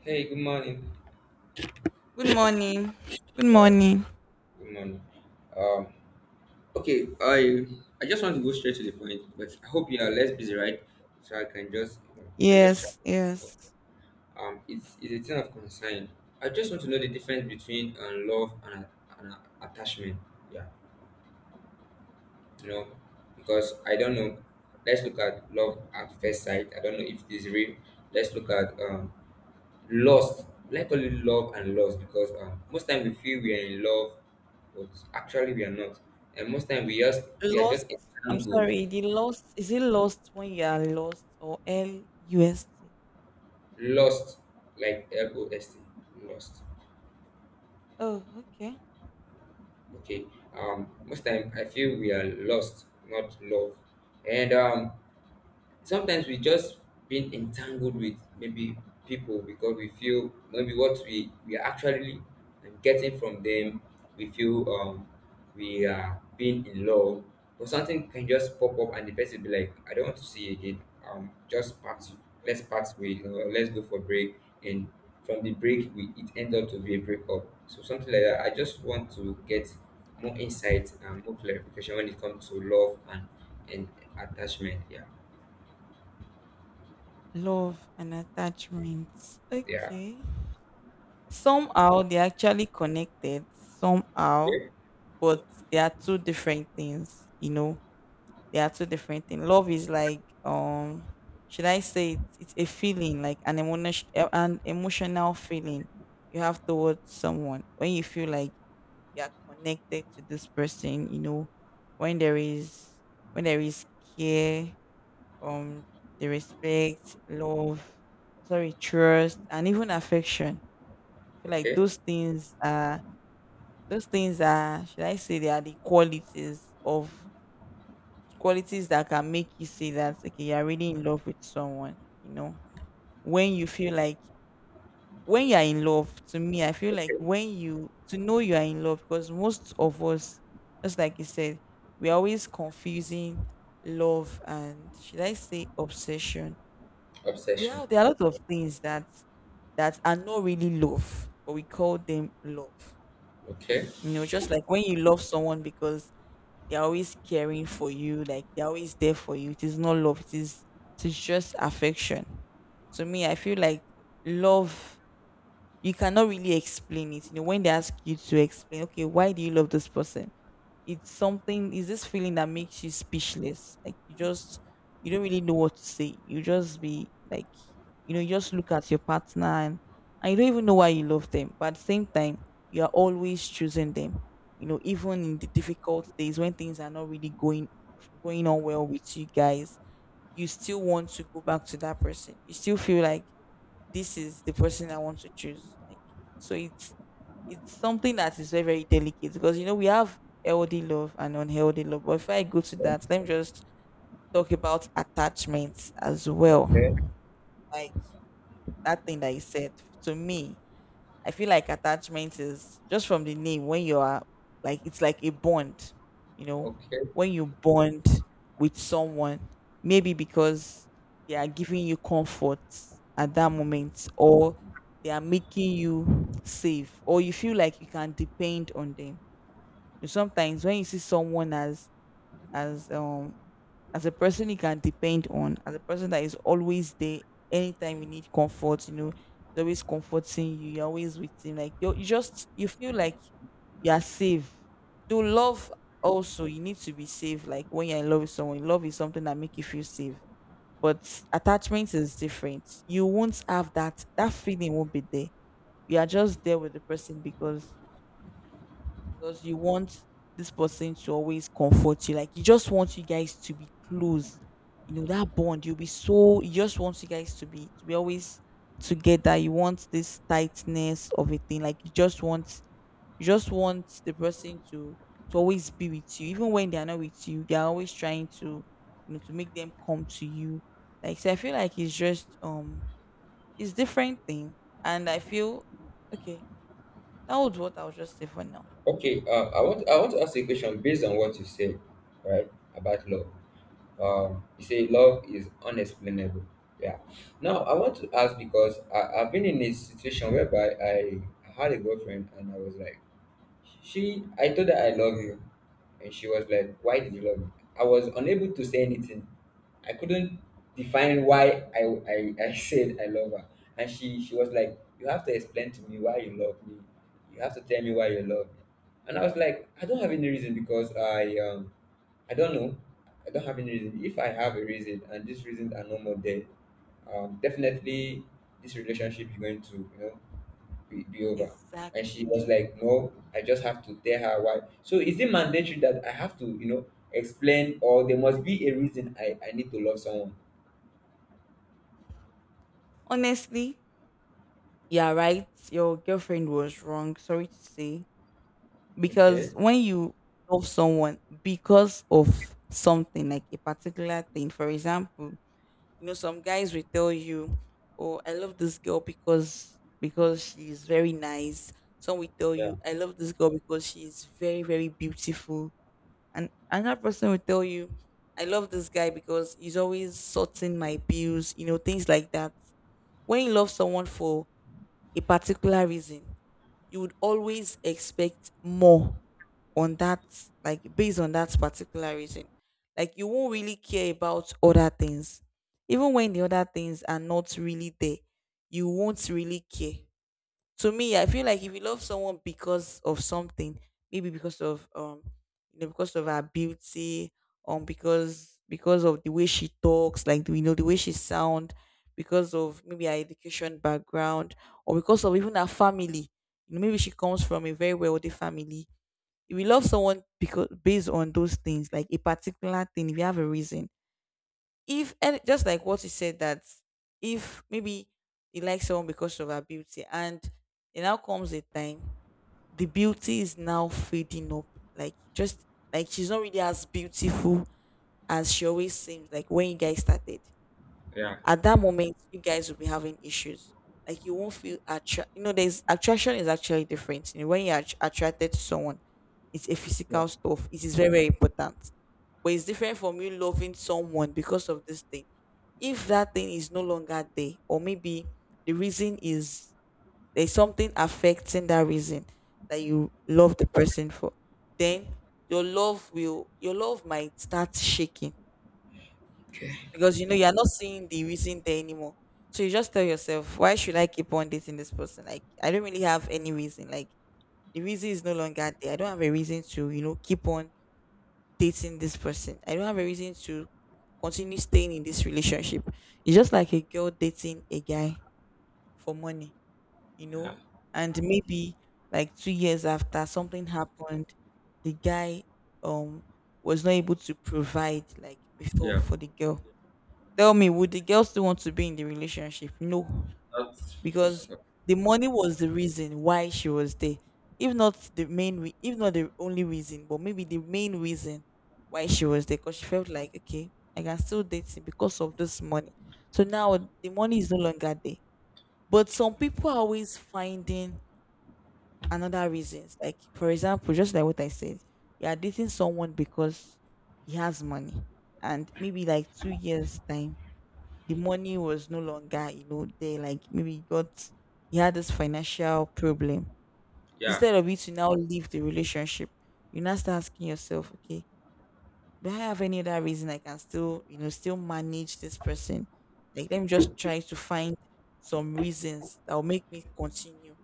Hey, good morning. Good morning. Good Yeah. morning. Good morning. Um, okay, I just want to go straight to the point, but I hope you are less busy, right? So I can just chat. Yes, yes. It's a thing of concern. I just want to know the difference between love and attachment. Yeah, you know, because I don't know. Let's look at love at first sight. I don't know if it is real. Let's look at lost. Let's call it love and loss because most time we feel we are in love, but actually we are not. And most time we are Lost. just I'm entangled, sorry. The lost. Is it lost when you are lost or LUST? lost, like LOST, lost. Oh, okay. Okay. Most time I feel we are lost, not love. And sometimes we just been entangled with maybe people because we feel maybe what we are actually getting from them, we feel we are being in love, but something can just pop up and the person be like, I don't want to see you again. Just part Let's part ways or let's go for break, and from the break we it ends up to be a breakup. So something like that, I just want to get more insight and more clarification when it comes to love and and attachment. Yeah. Love and attachments. Yeah. Okay. Somehow they're actually connected. Somehow, Okay, but they are two different things. You know, They are two different things. Love is like should I say it, it's a feeling like an emotion, an emotional feeling you have towards someone when you feel like you are connected to this person, you know, when there is when there is care, um the respect, love, sorry, trust and even affection. I feel like okay, those things are should I say they are the qualities of qualities that can make you say that okay, you're really in love with someone. You know, when you feel like when you're in love, to me I feel like okay. when you to know you are in love, because most of us, just like you said, we're always confusing love and should I say obsession. We Obsession. have, there are a lot of things that that are not really love, but we call them love. Okay, You know, just like when you love someone because they're always caring for you, like they're always there for you. It is not love, it is just affection. To me, I feel like love, you cannot really explain it. You know, when they ask you to explain, okay, why do you love this person? It's something, it's this feeling that makes you speechless, like you just, you don't really know what to say, you just be like, you know, you just look at your partner and you don't even know why you love them, but at the same time you are always choosing them. You know, even in the difficult days when things are not really going on well with you guys, you still want to go back to that person. You still feel like this is the person I want to choose, like so it's something that is very, very delicate, because you know we have healthy love and unhealthy love. But if I go to that, let me just talk about attachments as okay, well. Like that thing that you said to me, I feel like attachment is just from the name when you are like it's like a bond, you know, okay, when you bond with someone, maybe because they are giving you comfort at that moment, or they are making you safe, or you feel like you can depend on them. Sometimes when you see someone as as um as a person you can depend on, as a person that is always there anytime you need comfort, you know, he's always comforting you, you're always with him. Like you just you feel like you are safe. Do love also, you need to be safe. Like when you're in love with someone, love is something that make you feel safe. But attachment is different. You won't have that feeling won't be there. You are just there with the person because you want this person to always comfort you. Like you just want you guys to be close. You know that bond. You'll be so. You just want you guys to be always together. You want this tightness of a thing. Like you just want the person to always be with you, even when they are not with you. They are always trying to, you know, to make them come to you. Like so, I feel like it's just it's different thing, and I feel okay. That was what I'll just say for now. okay. I want to ask you a question based on what you said, right? About love. You say love is unexplainable. Yeah. Now I want to ask because I've been in a situation whereby I had a girlfriend and I was like. She, I told her, I love you, and she was like, "Why did you love me?" I was unable to say anything. I couldn't define why I said I love her, and she was like, "You have to explain to me why you love me. You have to tell me why you love me." And I was like, "I don't have any reason because I don't know. I don't have any reason. If I have a reason and these reasons are no more there, definitely this relationship is going to, you know, be over." And she was Exactly. like, no, I just have to tell her why. So is it mandatory that I have to, you know, explain, or there must be a reason I need to love someone? Honestly, yeah, right. Your girlfriend was wrong. Sorry to say. Okay. Because when you love someone because of something, like a particular thing, for example, you know, some guys will tell you, "Oh, I love this girl because she is very nice." Some will tell Yeah. you, "I love this girl because she is very, very beautiful," and another person will tell you, "I love this guy because he's always sorting my bills." You know, things like that. When you love someone for a particular reason, you would always expect more on that, like based on that particular reason. Like you won't really care about other things. Even when the other things are not really there, you won't really care. To me, I feel like if you love someone because of something, maybe because of you know, because of her beauty, because of the way she talks, like you know, the way she sound, because of maybe her education background, or because of even her family. You know, maybe she comes from a very wealthy family. If you love someone because based on those things, like a particular thing, if you have a reason, if, and just like what you said, that if maybe you like someone because of her beauty, and it now comes a time the beauty is now fading up, like just like she's not really as beautiful as she always seems, like when you guys started, Yeah. at that moment you guys will be having issues. Like you won't feel attra-, you know, there's attraction is actually different. You know, when you're attr- attracted to someone, it's a physical stuff, it is very, very important, but it's different from you loving someone because of this thing. If that thing is no longer there, or maybe the reason is, there's something affecting that reason that you love the person for, then your love might start shaking, because you know you're not seeing the reason there anymore. So you just tell yourself, why should I keep on dating this person? Like I don't really have any reason. Like the reason is no longer there. I don't have a reason to, you know, keep on dating this person. I don't have a reason to continue staying in this relationship. It's just like a girl dating a guy for money, you know? And maybe like 2 years after, something happened, the guy um was not able to provide like before Yeah. for the girl. Tell me, would the girl still want to be in the relationship? No, That's because the money was the reason why she was there. If not the main, re- if not the only reason, but maybe the main reason why she was there, because she felt like, okay, I can still date him because of this money. So now the money is no longer there. But some people are always finding another reasons. Like for example, just like what I said, you are dating someone because he has money, and maybe like 2 years time the money was no longer, you know, there. Like maybe he had this financial problem. yeah, Instead of you to now leave the relationship, you now start asking yourself, okay, do I have any other reason I can still, you know, still manage this person? Like, let me just try to find some reasons that will make me continue.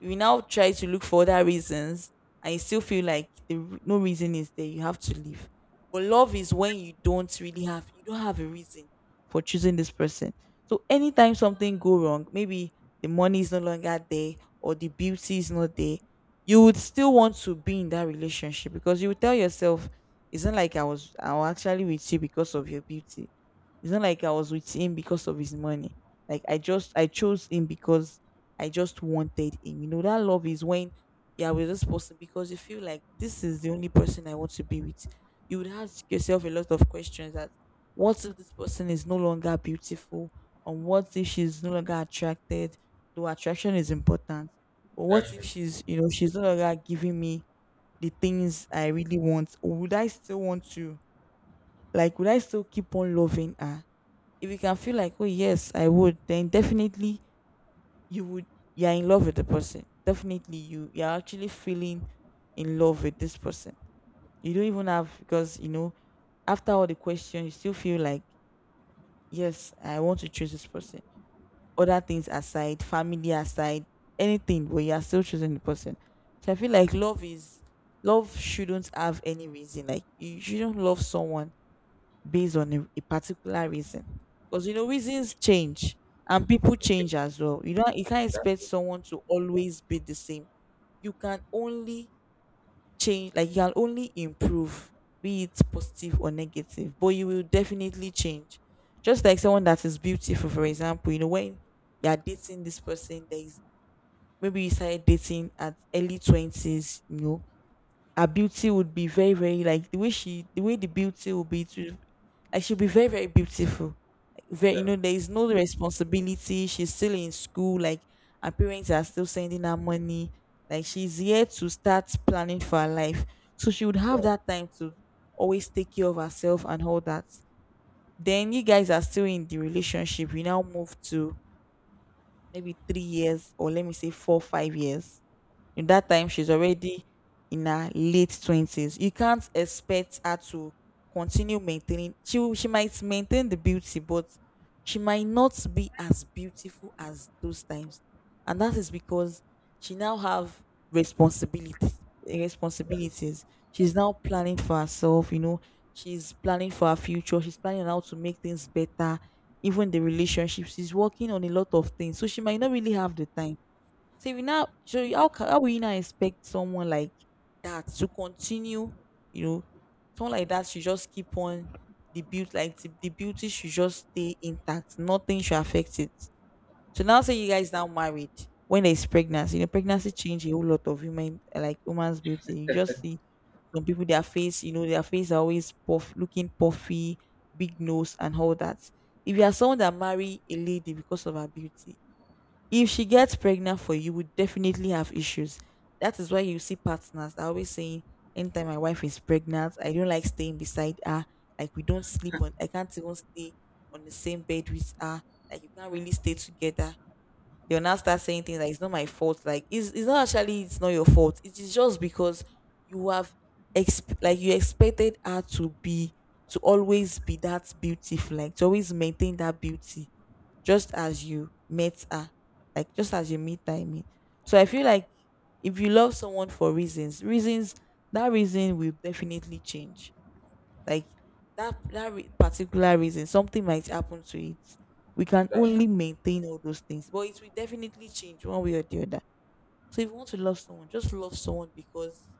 If you now try to look for other reasons and you still feel like the, r- no reason is there, you have to leave. But love is when you don't really have, you don't have a reason for choosing this person. So anytime something go wrong, maybe the money is no longer there or the beauty is not there, you would still want to be in that relationship because you would tell yourself, it's not like I was actually with you because of your beauty. It's not like I was with him because of his money. Like I chose him because I just wanted him. You know, that love is when you're with this person because you feel like this is the only person I want to be with. You would ask yourself a lot of questions that, what if this person is no longer beautiful? And what if she's no longer attracted? Though attraction is important. But what that's if true. she's, you know, she's no longer giving me the things I really want, or would I still want to, like would I still keep on loving her? If you can feel like, oh yes, I would, then definitely you would, you're in love with the person. Definitely you're actually feeling in love with this person. You don't even have, because you know, after all the questions, you still feel like, yes, I want to choose this person. Other things aside, family aside, anything, but you are still choosing the person. So I feel like love is, love shouldn't have any reason. Like you shouldn't love someone based on a particular reason. Because you know, reasons change and people Okay. change as well. You know, you can't That's expect true. someone to always be the same. You can only change, like you can only improve, be it positive or negative, but you will definitely change. Just like someone that is beautiful, for example, you know, when you're dating this person, there is maybe you started dating at early 20s. You know, her beauty would be very very, like the way the beauty will be to, like, she'll be very very beautiful. Like, very, you Yeah. know, there is no responsibility. She's still in school, like her parents are still sending her money, like she's yet to start planning for her life, so she would have Yeah. that time to always take care of herself and all that. Then you guys are still in the relationship, we now move to maybe 3 years, or let me say 4, 5 years. In that time, she's already in her late 20s. You can't expect her to continue maintaining. She might maintain the beauty, but she might not be as beautiful as those times, and that is because she now have responsibility responsibilities. She's now planning for herself. You know, she's planning for her future. She's planning on how to make things better. Even the relationship, she's working on a lot of things, so she might not really have the time. So if you now, so you- how ca- how will you now expect someone like that to continue? You know, someone like that should just keep on the beauty, like the beauty should just stay intact. Nothing should affect it. So now, say you guys now married, when there's pregnancy. You know, pregnancy change a whole lot of human, like woman's beauty. You just see some people their face, you know, their face are always puff, looking puffy, big nose, and all that. If you are someone that marry a lady because of her beauty, if she gets pregnant for you, you would definitely have issues. That is why you see partners are always saying, anytime my wife is pregnant, I don't like staying beside her. Like we don't sleep on, I can't even stay on the same bed with her. Like you can't really stay together. They'll now start saying things like it's not my fault. Like it's not actually, it's not your fault. It is just because you have like you expected her to always be that beautiful, like to always maintain that beauty just as you met her, like just as you meet her. I mean, so I feel like if you love someone for reasons, that reason will definitely change. Like that particular reason, something might happen to it. We can That's true. only maintain all those things, but it will definitely change one way or the other. So if you want to love someone, just love someone because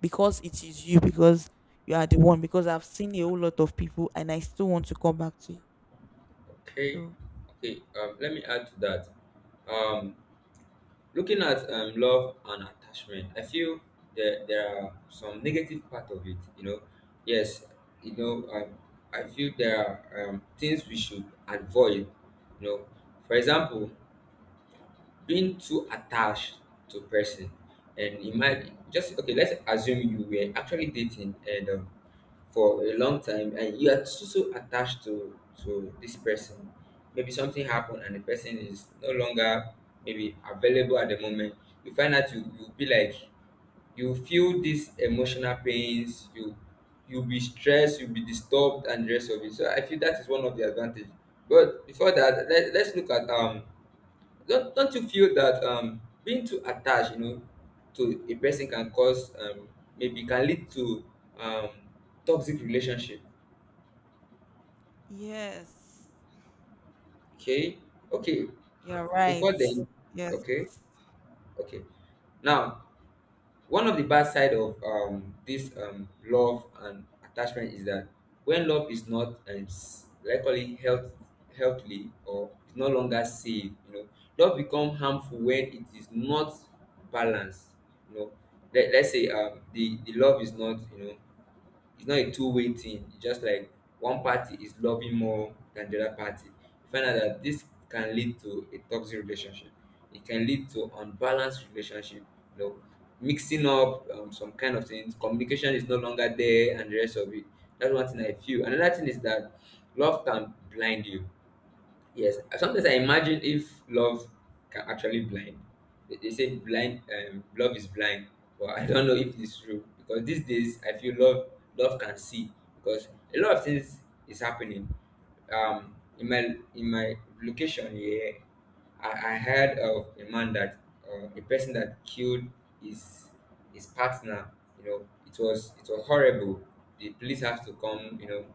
because it is you, because you are the one. Because I've seen a whole lot of people, and I still want to come back to you. Okay. So Okay. Let me add to that. Um Looking at love and attachment, I feel that there are some negative part of it. You know, yes, you know, I feel there are things we should avoid. You know, for example, being too attached to person, and imagine, just okay, let's assume you were actually dating, and for a long time, and you are so, so attached to this person. Maybe something happened and the person is no longer maybe available at the moment. You find out you you'll be like, you feel these emotional pains, you you'll be stressed, you'll be disturbed, and the rest of it. So I feel that is one of the advantage. But before that, let's look at don't you feel that being too attached, you know, to a person can cause maybe can lead to um, toxic relationship? yes, Okay, okay. you're right. Before then, Yes. okay, okay. Now one of the bad side of this love and attachment is that when love is not likely healthily, or is no longer safe, you know, love become harmful when it is not balanced. You know, let's say the love is not, you know, it's not a two-way thing. It's just like one party is loving more than the other party. You find out that this can lead to a toxic relationship. It can lead to unbalanced relationship. You know, mixing up some kind of things. Communication is no longer there, and the rest of it. That's one thing I feel. Another thing is that love can blind you. Yes, sometimes I imagine if love can actually blind. They say blind, love is blind, but I don't know if it's true because these days I feel love, love can see because a lot of things is happening. Um, in my in my location here, I heard of a man that a person that killed his his partner. You know, it was horrible. The police have to come. You know,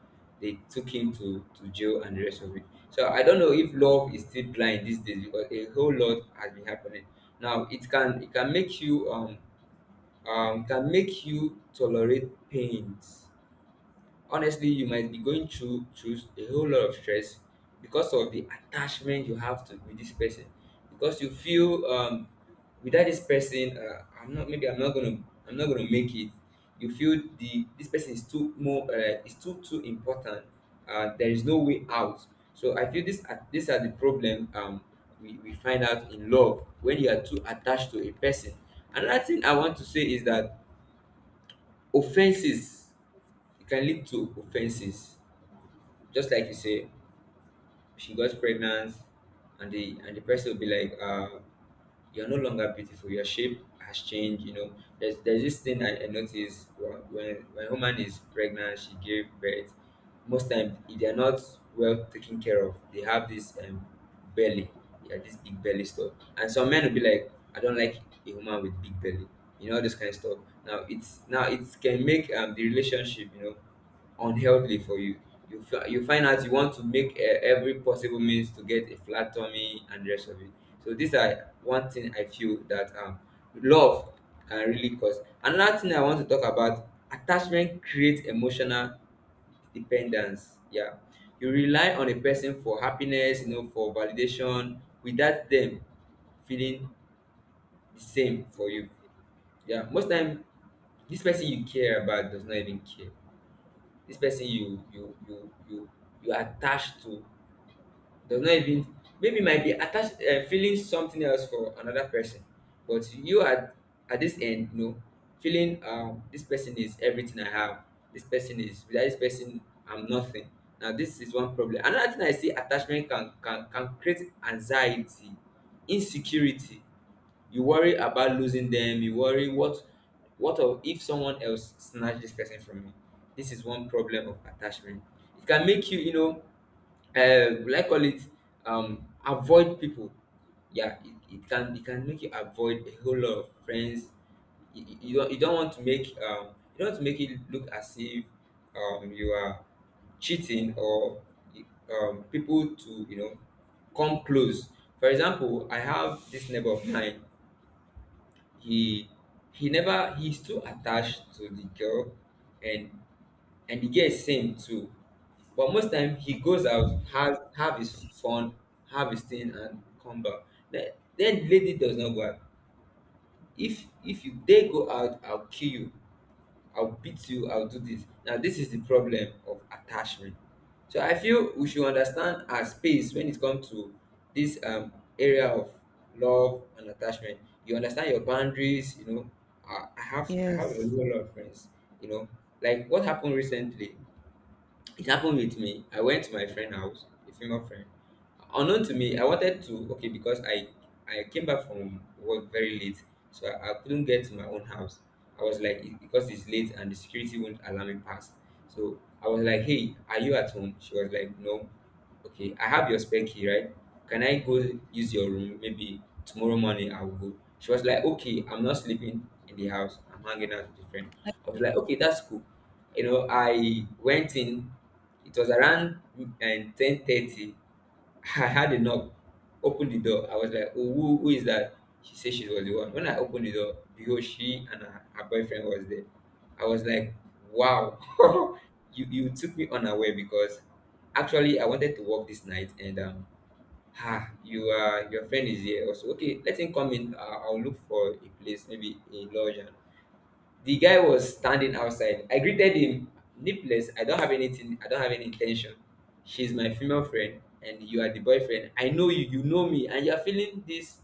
they took him to jail and the rest of it. So I don't know if love is still blind these days because a whole lot has been happening. Now it can make you tolerate pains. Honestly, you might be going through through a whole lot of stress because of the attachment you have to with this person, because you feel without this person I'm not, maybe I'm not gonna, I'm not gonna make it. You feel the this person is too more, is too too important, there is no way out. So I feel these are the problem, we find out in love when you are too attached to a person. Another thing I want to say is that offenses, it can lead to offenses. Just like you say, she got pregnant, and the person will be like, "You're no longer beautiful. Your shape has changed." You know, there's this thing I noticed when a woman is pregnant, she gave birth. Most times, if they are not well taken care of, they have this belly, yeah, this big belly stuff. And some men will be like, I don't like a woman with big belly, you know, this kind of stuff. Now it's now it can make the relationship, you know, unhealthy for you. You find out you want to make every possible means to get a flat tummy and the rest of it. So these are one thing I feel that love can really cause. Another thing I want to talk about, attachment creates emotional dependence. Yeah. You rely on a person for happiness, you know, for validation without them feeling the same for you. Yeah. Most time this person you care about does not even care. This person you you attach to does not even, maybe might be attached, feeling something else for another person, but you at this end, you know, feeling this person is everything I have. This person is, without this person, I'm nothing. Now this is one problem. Another thing I see, attachment can create anxiety, insecurity. You worry about losing them. You worry, what of if someone else snatch this person from me? This is one problem of attachment. It can make you, you know, will I call it, avoid people. Yeah, it can it can make you avoid a whole lot of friends. You don't, you don't want to make you don't want to make it look as if you are cheating, or people to, you know, come close. For example, I have this neighbor of mine. He he never he's too attached to the girl, and and the girl is same too. But most time he Okay. goes out, has have his fun, have his thing, and come back. Then, then lady does not go out. If you they go out, I'll kill you. I'll beat you. I'll do this. Now this is the problem of attachment. So I feel we should understand our space when it comes to this area of love and attachment. You understand your boundaries. You know, I have a Yes. whole lot of friends. You know, like what happened recently, it happened with me. I went to my friend house, a female friend. Unknown to me, I wanted to, okay, because I came back from work very late, so I couldn't get to my own house. I was like, it- because it's late and the security won't allow me pass. So I was like, hey, are you at home? She was like, no. Okay, I have your spare key, right? Can I go use your room? Maybe tomorrow morning I will go. She was like, okay, I'm not sleeping in the house. I'm hanging out with a friend. I was Yeah. like, okay, that's cool. You know, I went in, it was around 10:30. I had a knock. Opened the door. I was like, "Oh, who is that?" She said she was the one. When I opened the door, behold, she and her boyfriend was there. I was like, "Wow, Wow. you took me unaware because actually I wanted to work this night and. Ah, you your friend is here also. Okay, let him come in. I'll look for a place, maybe a lodge. And the guy was standing outside. I greeted him, Nicholas, I don't have anything, I don't have any intention. She's my female friend and you are the boyfriend. I know you, you know me, and you are feeling this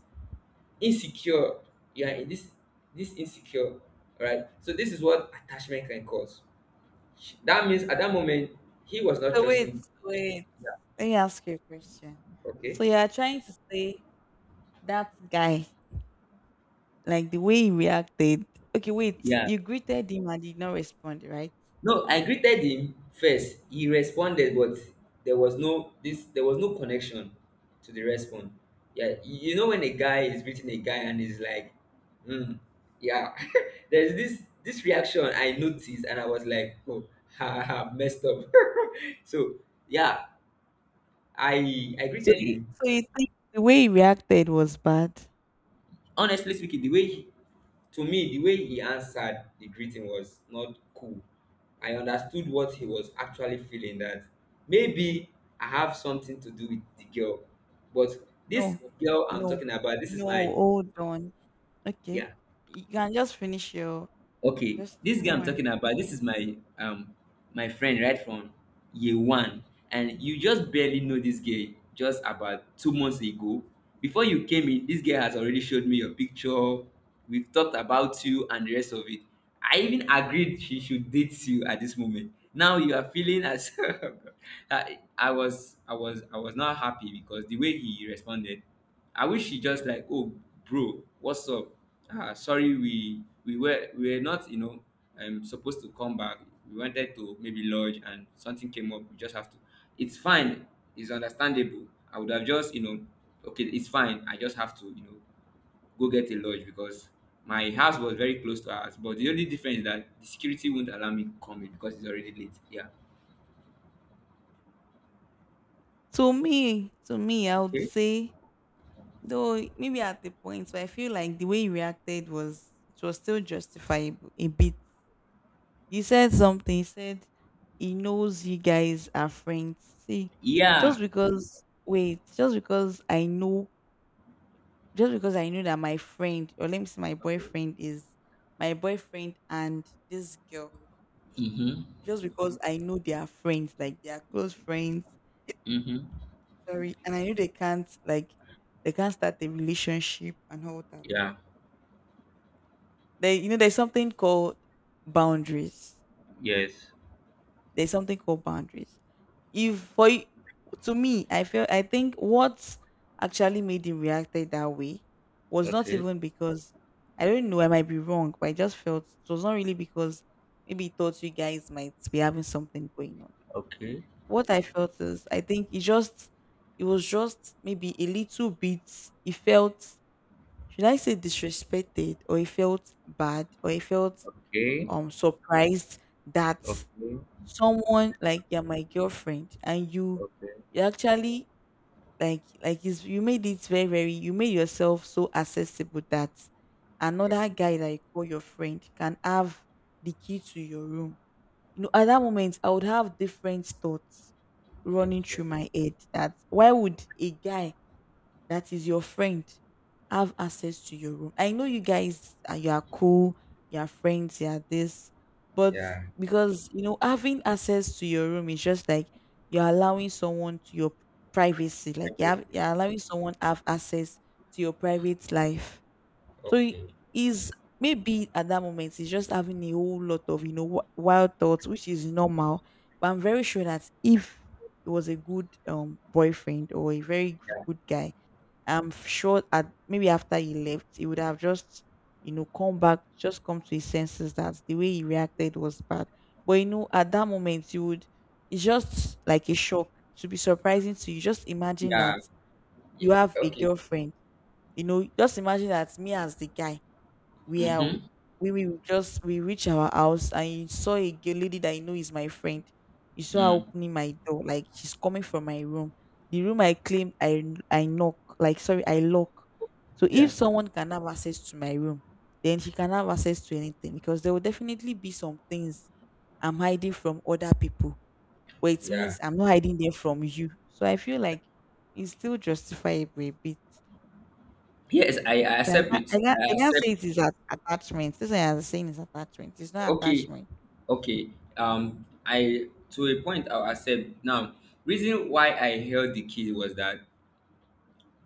insecure. You are in this insecure, right? So this is what attachment can cause. That means at that moment he was not So wait, trusting. so wait. Yeah. let me ask you a question. Okay. So you are trying to say that guy, like the way he reacted. Okay, wait. Yeah. You greeted him and he did not respond, right? No, I greeted him first. He responded, but there was no connection to the response. Yeah, you know when a guy is greeting a guy and he's like, hmm, yeah. There's this reaction I noticed and I was like, oh, ha, ha messed up. So yeah, I So greeted you him. so you think the way he reacted was bad? Honestly speaking, the way to me, the way he answered the greeting was not cool. I understood what he was actually feeling, that maybe I have something to do with the girl. But this No. girl I'm No. talking about, this is No, my, hold on. Okay. yeah, You can just finish your, okay, just this guy don't I'm worry. talking about, this is my my friend right from year 1, and you just barely know this guy just about 2 months ago. Before you came in, this guy has already showed me your picture. We've talked about you and the rest of it. I even agreed she should date you. At this moment now you are feeling as, I was not happy because the way he responded, I wish she just like, oh, bro, what's up? Ah, sorry, we were not, you know, supposed to come back. We wanted to maybe lodge, and something came up. We just have to. It's fine. It's understandable. I would have just, you know, okay, it's fine. I just have to, you know, go get a lodge because my house was very close to ours. But the only difference is that the security won't allow me to come in because it's already late. Yeah. To me, I would Okay. say, though maybe at the point where I feel like the way you reacted was, it was still justifiable a bit. You said something, you said he knows you guys are friends. See, just Yeah. because, wait, just because I know that my friend, or let me see, my boyfriend is my boyfriend and this girl. Mm-hmm. Just because I know they are friends, like they are close friends, Mm-hmm. sorry, and I know they can't, like they can't start a relationship and all that. Yeah. There, you know, there's something called boundaries. Yes. There's something called boundaries. If for y- To me, I feel, I think what actually made him reacted that way was not Okay. even because, I don't know, I might be wrong, but I just felt it was not really because maybe he thought you guys might be having something going on. Okay. What I felt is, I think it just, it was just maybe a little bit, he felt, should I say, disrespected, or he felt bad, or he felt surprised that someone like, you're my girlfriend, and you actually, like is you made it very very you made yourself so accessible that another guy that you call your friend can have the key to your room. You know, at that moment I would have different thoughts running through Okay. my head that, why would a guy that is your friend have access to your room? I know you guys are, you are cool, you are friends, you are this, but, Yeah. because you know, having access to your room is just like you're allowing someone to your privacy, Hi, like you Basic. have, you're allowing someone have access to your private life. So Okay. he's maybe at that moment he's just having a whole lot of, you know, wi- wild thoughts, which is normal. But I'm very sure that if he was a good boyfriend, or a very good guy, I'm sure at maybe after he left, he would have just, you know, come back, just come to his senses that the way he reacted was bad. But you know, at that moment, you would, it's just like a shock, to be surprising to you. Just imagine Yeah. that you Yes. have a Okay. girlfriend. You know, just imagine that me as the guy, we are Mm-hmm. we will just we reach our house and you saw a lady that you know is my friend. You saw her Mm. opening my door, like she's coming from my room. The room I claimed I, I knock, like sorry, I lock. So if Yeah. someone can have access to my room, then she can have access to anything because there will definitely be some things I'm hiding from other people. But it Yeah. means I'm not hiding them from you. So I feel like it's still justifiable a bit. Yes, I So I accept can't, it. I can't, I I can't say accept. it is a attachment. This one you saying is attachment. It's not Okay. attachment. Okay. I to a point I'll accept. Now, reason why I held the key was that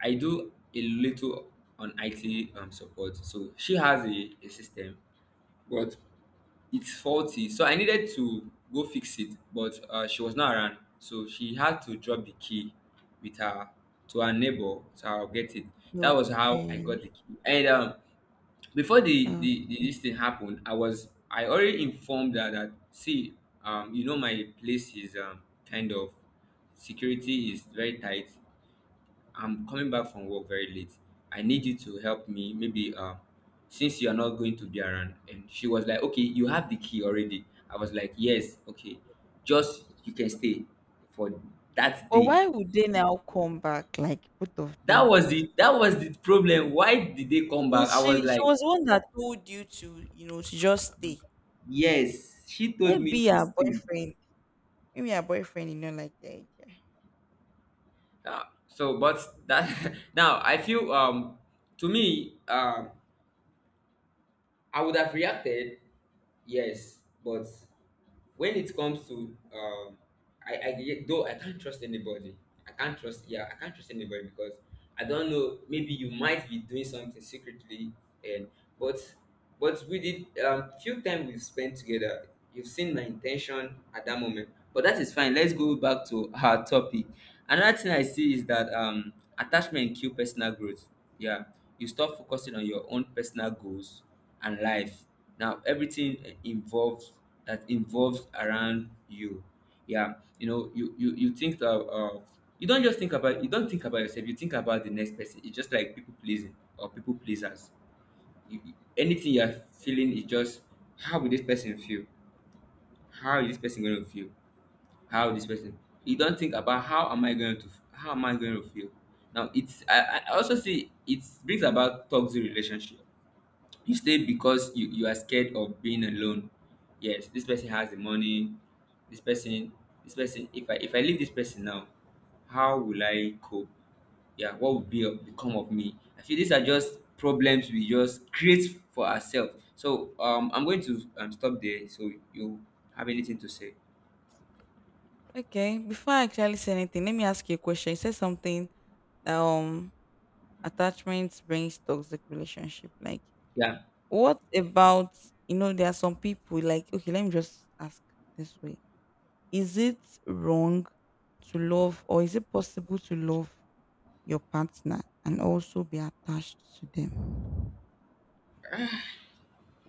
I do a little on IT support. So she has a system, but it's faulty. So I needed to go fix it, but she was not around. So she had to drop the key with her to her neighbor. So I'll get it. That was how I got Okay. the key. And before Okay. The this thing happened, I already informed her that, see, you know my place is kind of, security is very tight. I'm coming back from work very late. I need you to help me. Maybe since you are not going to be around." And she was like, "Okay, you have the key already." I was like, "Yes, okay. Just you can stay for that But day." why would they now come back, like both of them? That was the problem. Why did they come back? I Yes, was she like, was the one that told you to, you know, to just stay. "Yes, she told me Maybe to her stay." boyfriend. Maybe her boyfriend, you know, like the idea. So, but that, now I feel to me, I would have reacted, yes, but when it comes to I though I can't trust anybody. I can't trust Yeah, I can't trust anybody because I don't know, maybe you might be doing something secretly and, but but we did few time we've spent together, you've seen my intention at that moment. But that is fine. Let's go back to our topic. Another thing I see is that attachment kill personal growth. Yeah. You stop focusing on your own personal goals and life. Now everything involves that Your involves part. around you. Yeah, you know, you think of you don't just think about, you don't think about yourself. You think about the next person. It's just like people pleasing or people pleasers. Anything you're feeling is just, how will this person feel? How is this person going to feel? How this person? You don't think about how am I going to feel? Now it's, I also see it brings about toxic relationship. You stay because you are scared of being alone. Yes, this person has the money. This person, this person. If I leave this person now, how will I cope? Yeah, what would be become of me? I feel these are just problems we just create for ourselves. So I'm going to stop there. So you have anything to say? Okay, before I actually say anything, let me ask you a question. You said something that attachment brings toxic relationship. Like, Yeah. what about, you know, there are some people like, okay, let me just ask this way. Is it wrong to love, or is it possible to love your partner and also be attached to them?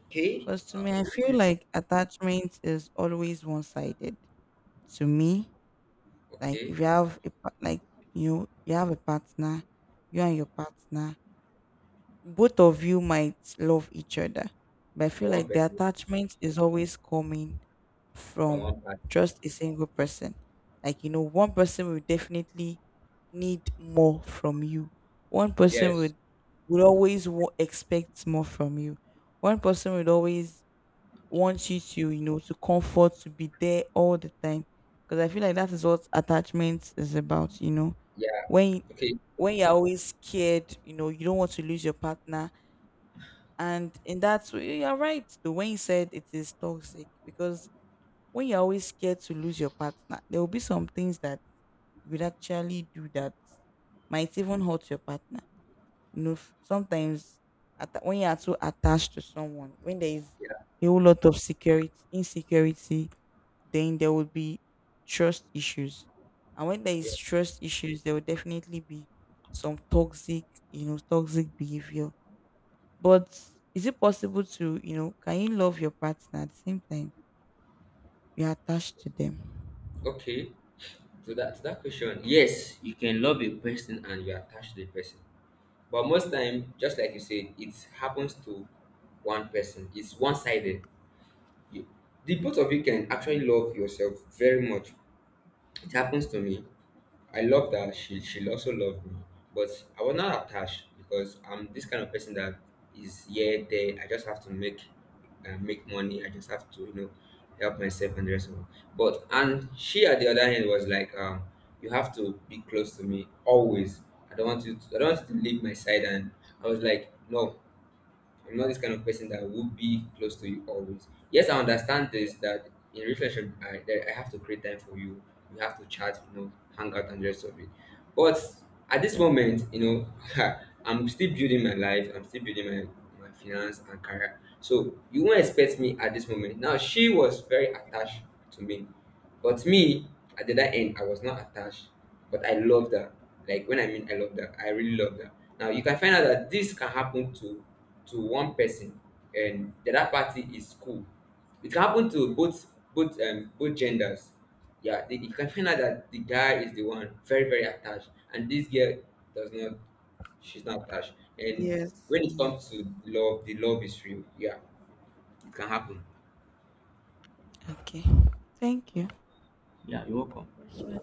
Okay. Because to me, I feel Yes. like attachment is always one sided. To me, like Okay. if you have a like, you know, you have a partner, you and your partner, both of you might love each other, but I For feel one like the person. attachment is always coming From from one part. just a single person. Like, you know, one person will definitely need more from you. One person Yes. would, would always expect more from you. One person would always want you to, you know, to comfort, to be there all the time. Because I feel like that is what attachment is about, you know. Yeah. When Okay. when you're always scared, you know, you don't want to lose your partner, and in that way, you're right. The, when you said it is toxic, because when you're always scared to lose your partner, there will be some things that you would actually do that might even hurt your partner. You know, sometimes atta when you are too attached to someone, when there is Yeah. a whole lot of insecurity, then there will be trust issues. And when there Yeah. is trust issues, there will definitely be some toxic, you know, toxic behavior. But is it possible to, you know, can you love your partner at the same time you're attached to them? Okay. To that to that question, yes, you can love a person and you're attached to the person. But most time, just like you said, it happens to one person. It's one sided. You The both of you can actually love yourself very much. It happens to me. I loved her. She also loved me, but I was not attached because I'm this kind of person that is here there. I just have to make, make money. I just have to, you know, help myself and the rest of it. But, and she at the other hand was like, you have to be close to me always. I don't want you. I don't want you to leave my side. And I was like, no. I'm not this kind of person that would be close to you always. Yes, I understand this, that in relationship I that I have to create time for you. We have to chat, you know, hang out and rest of it. But at this moment, you know, I'm still building my life, I'm still building my finance and career. So you won't expect me at this moment. Now she was very attached to me. But me, at the other end, I was not attached. But I loved her. Like when I mean I loved her, I really loved her. Now you can find out that this can happen to one person and the other party is cool. It can happen to both, both genders. Yeah, you can find out that the guy is the one very very attached, and this girl does not. She's not attached. And Yes. when it Yes. comes to love, the love is real. Yeah, it can happen. Okay. Thank Yeah, you. yeah, you're welcome. Question.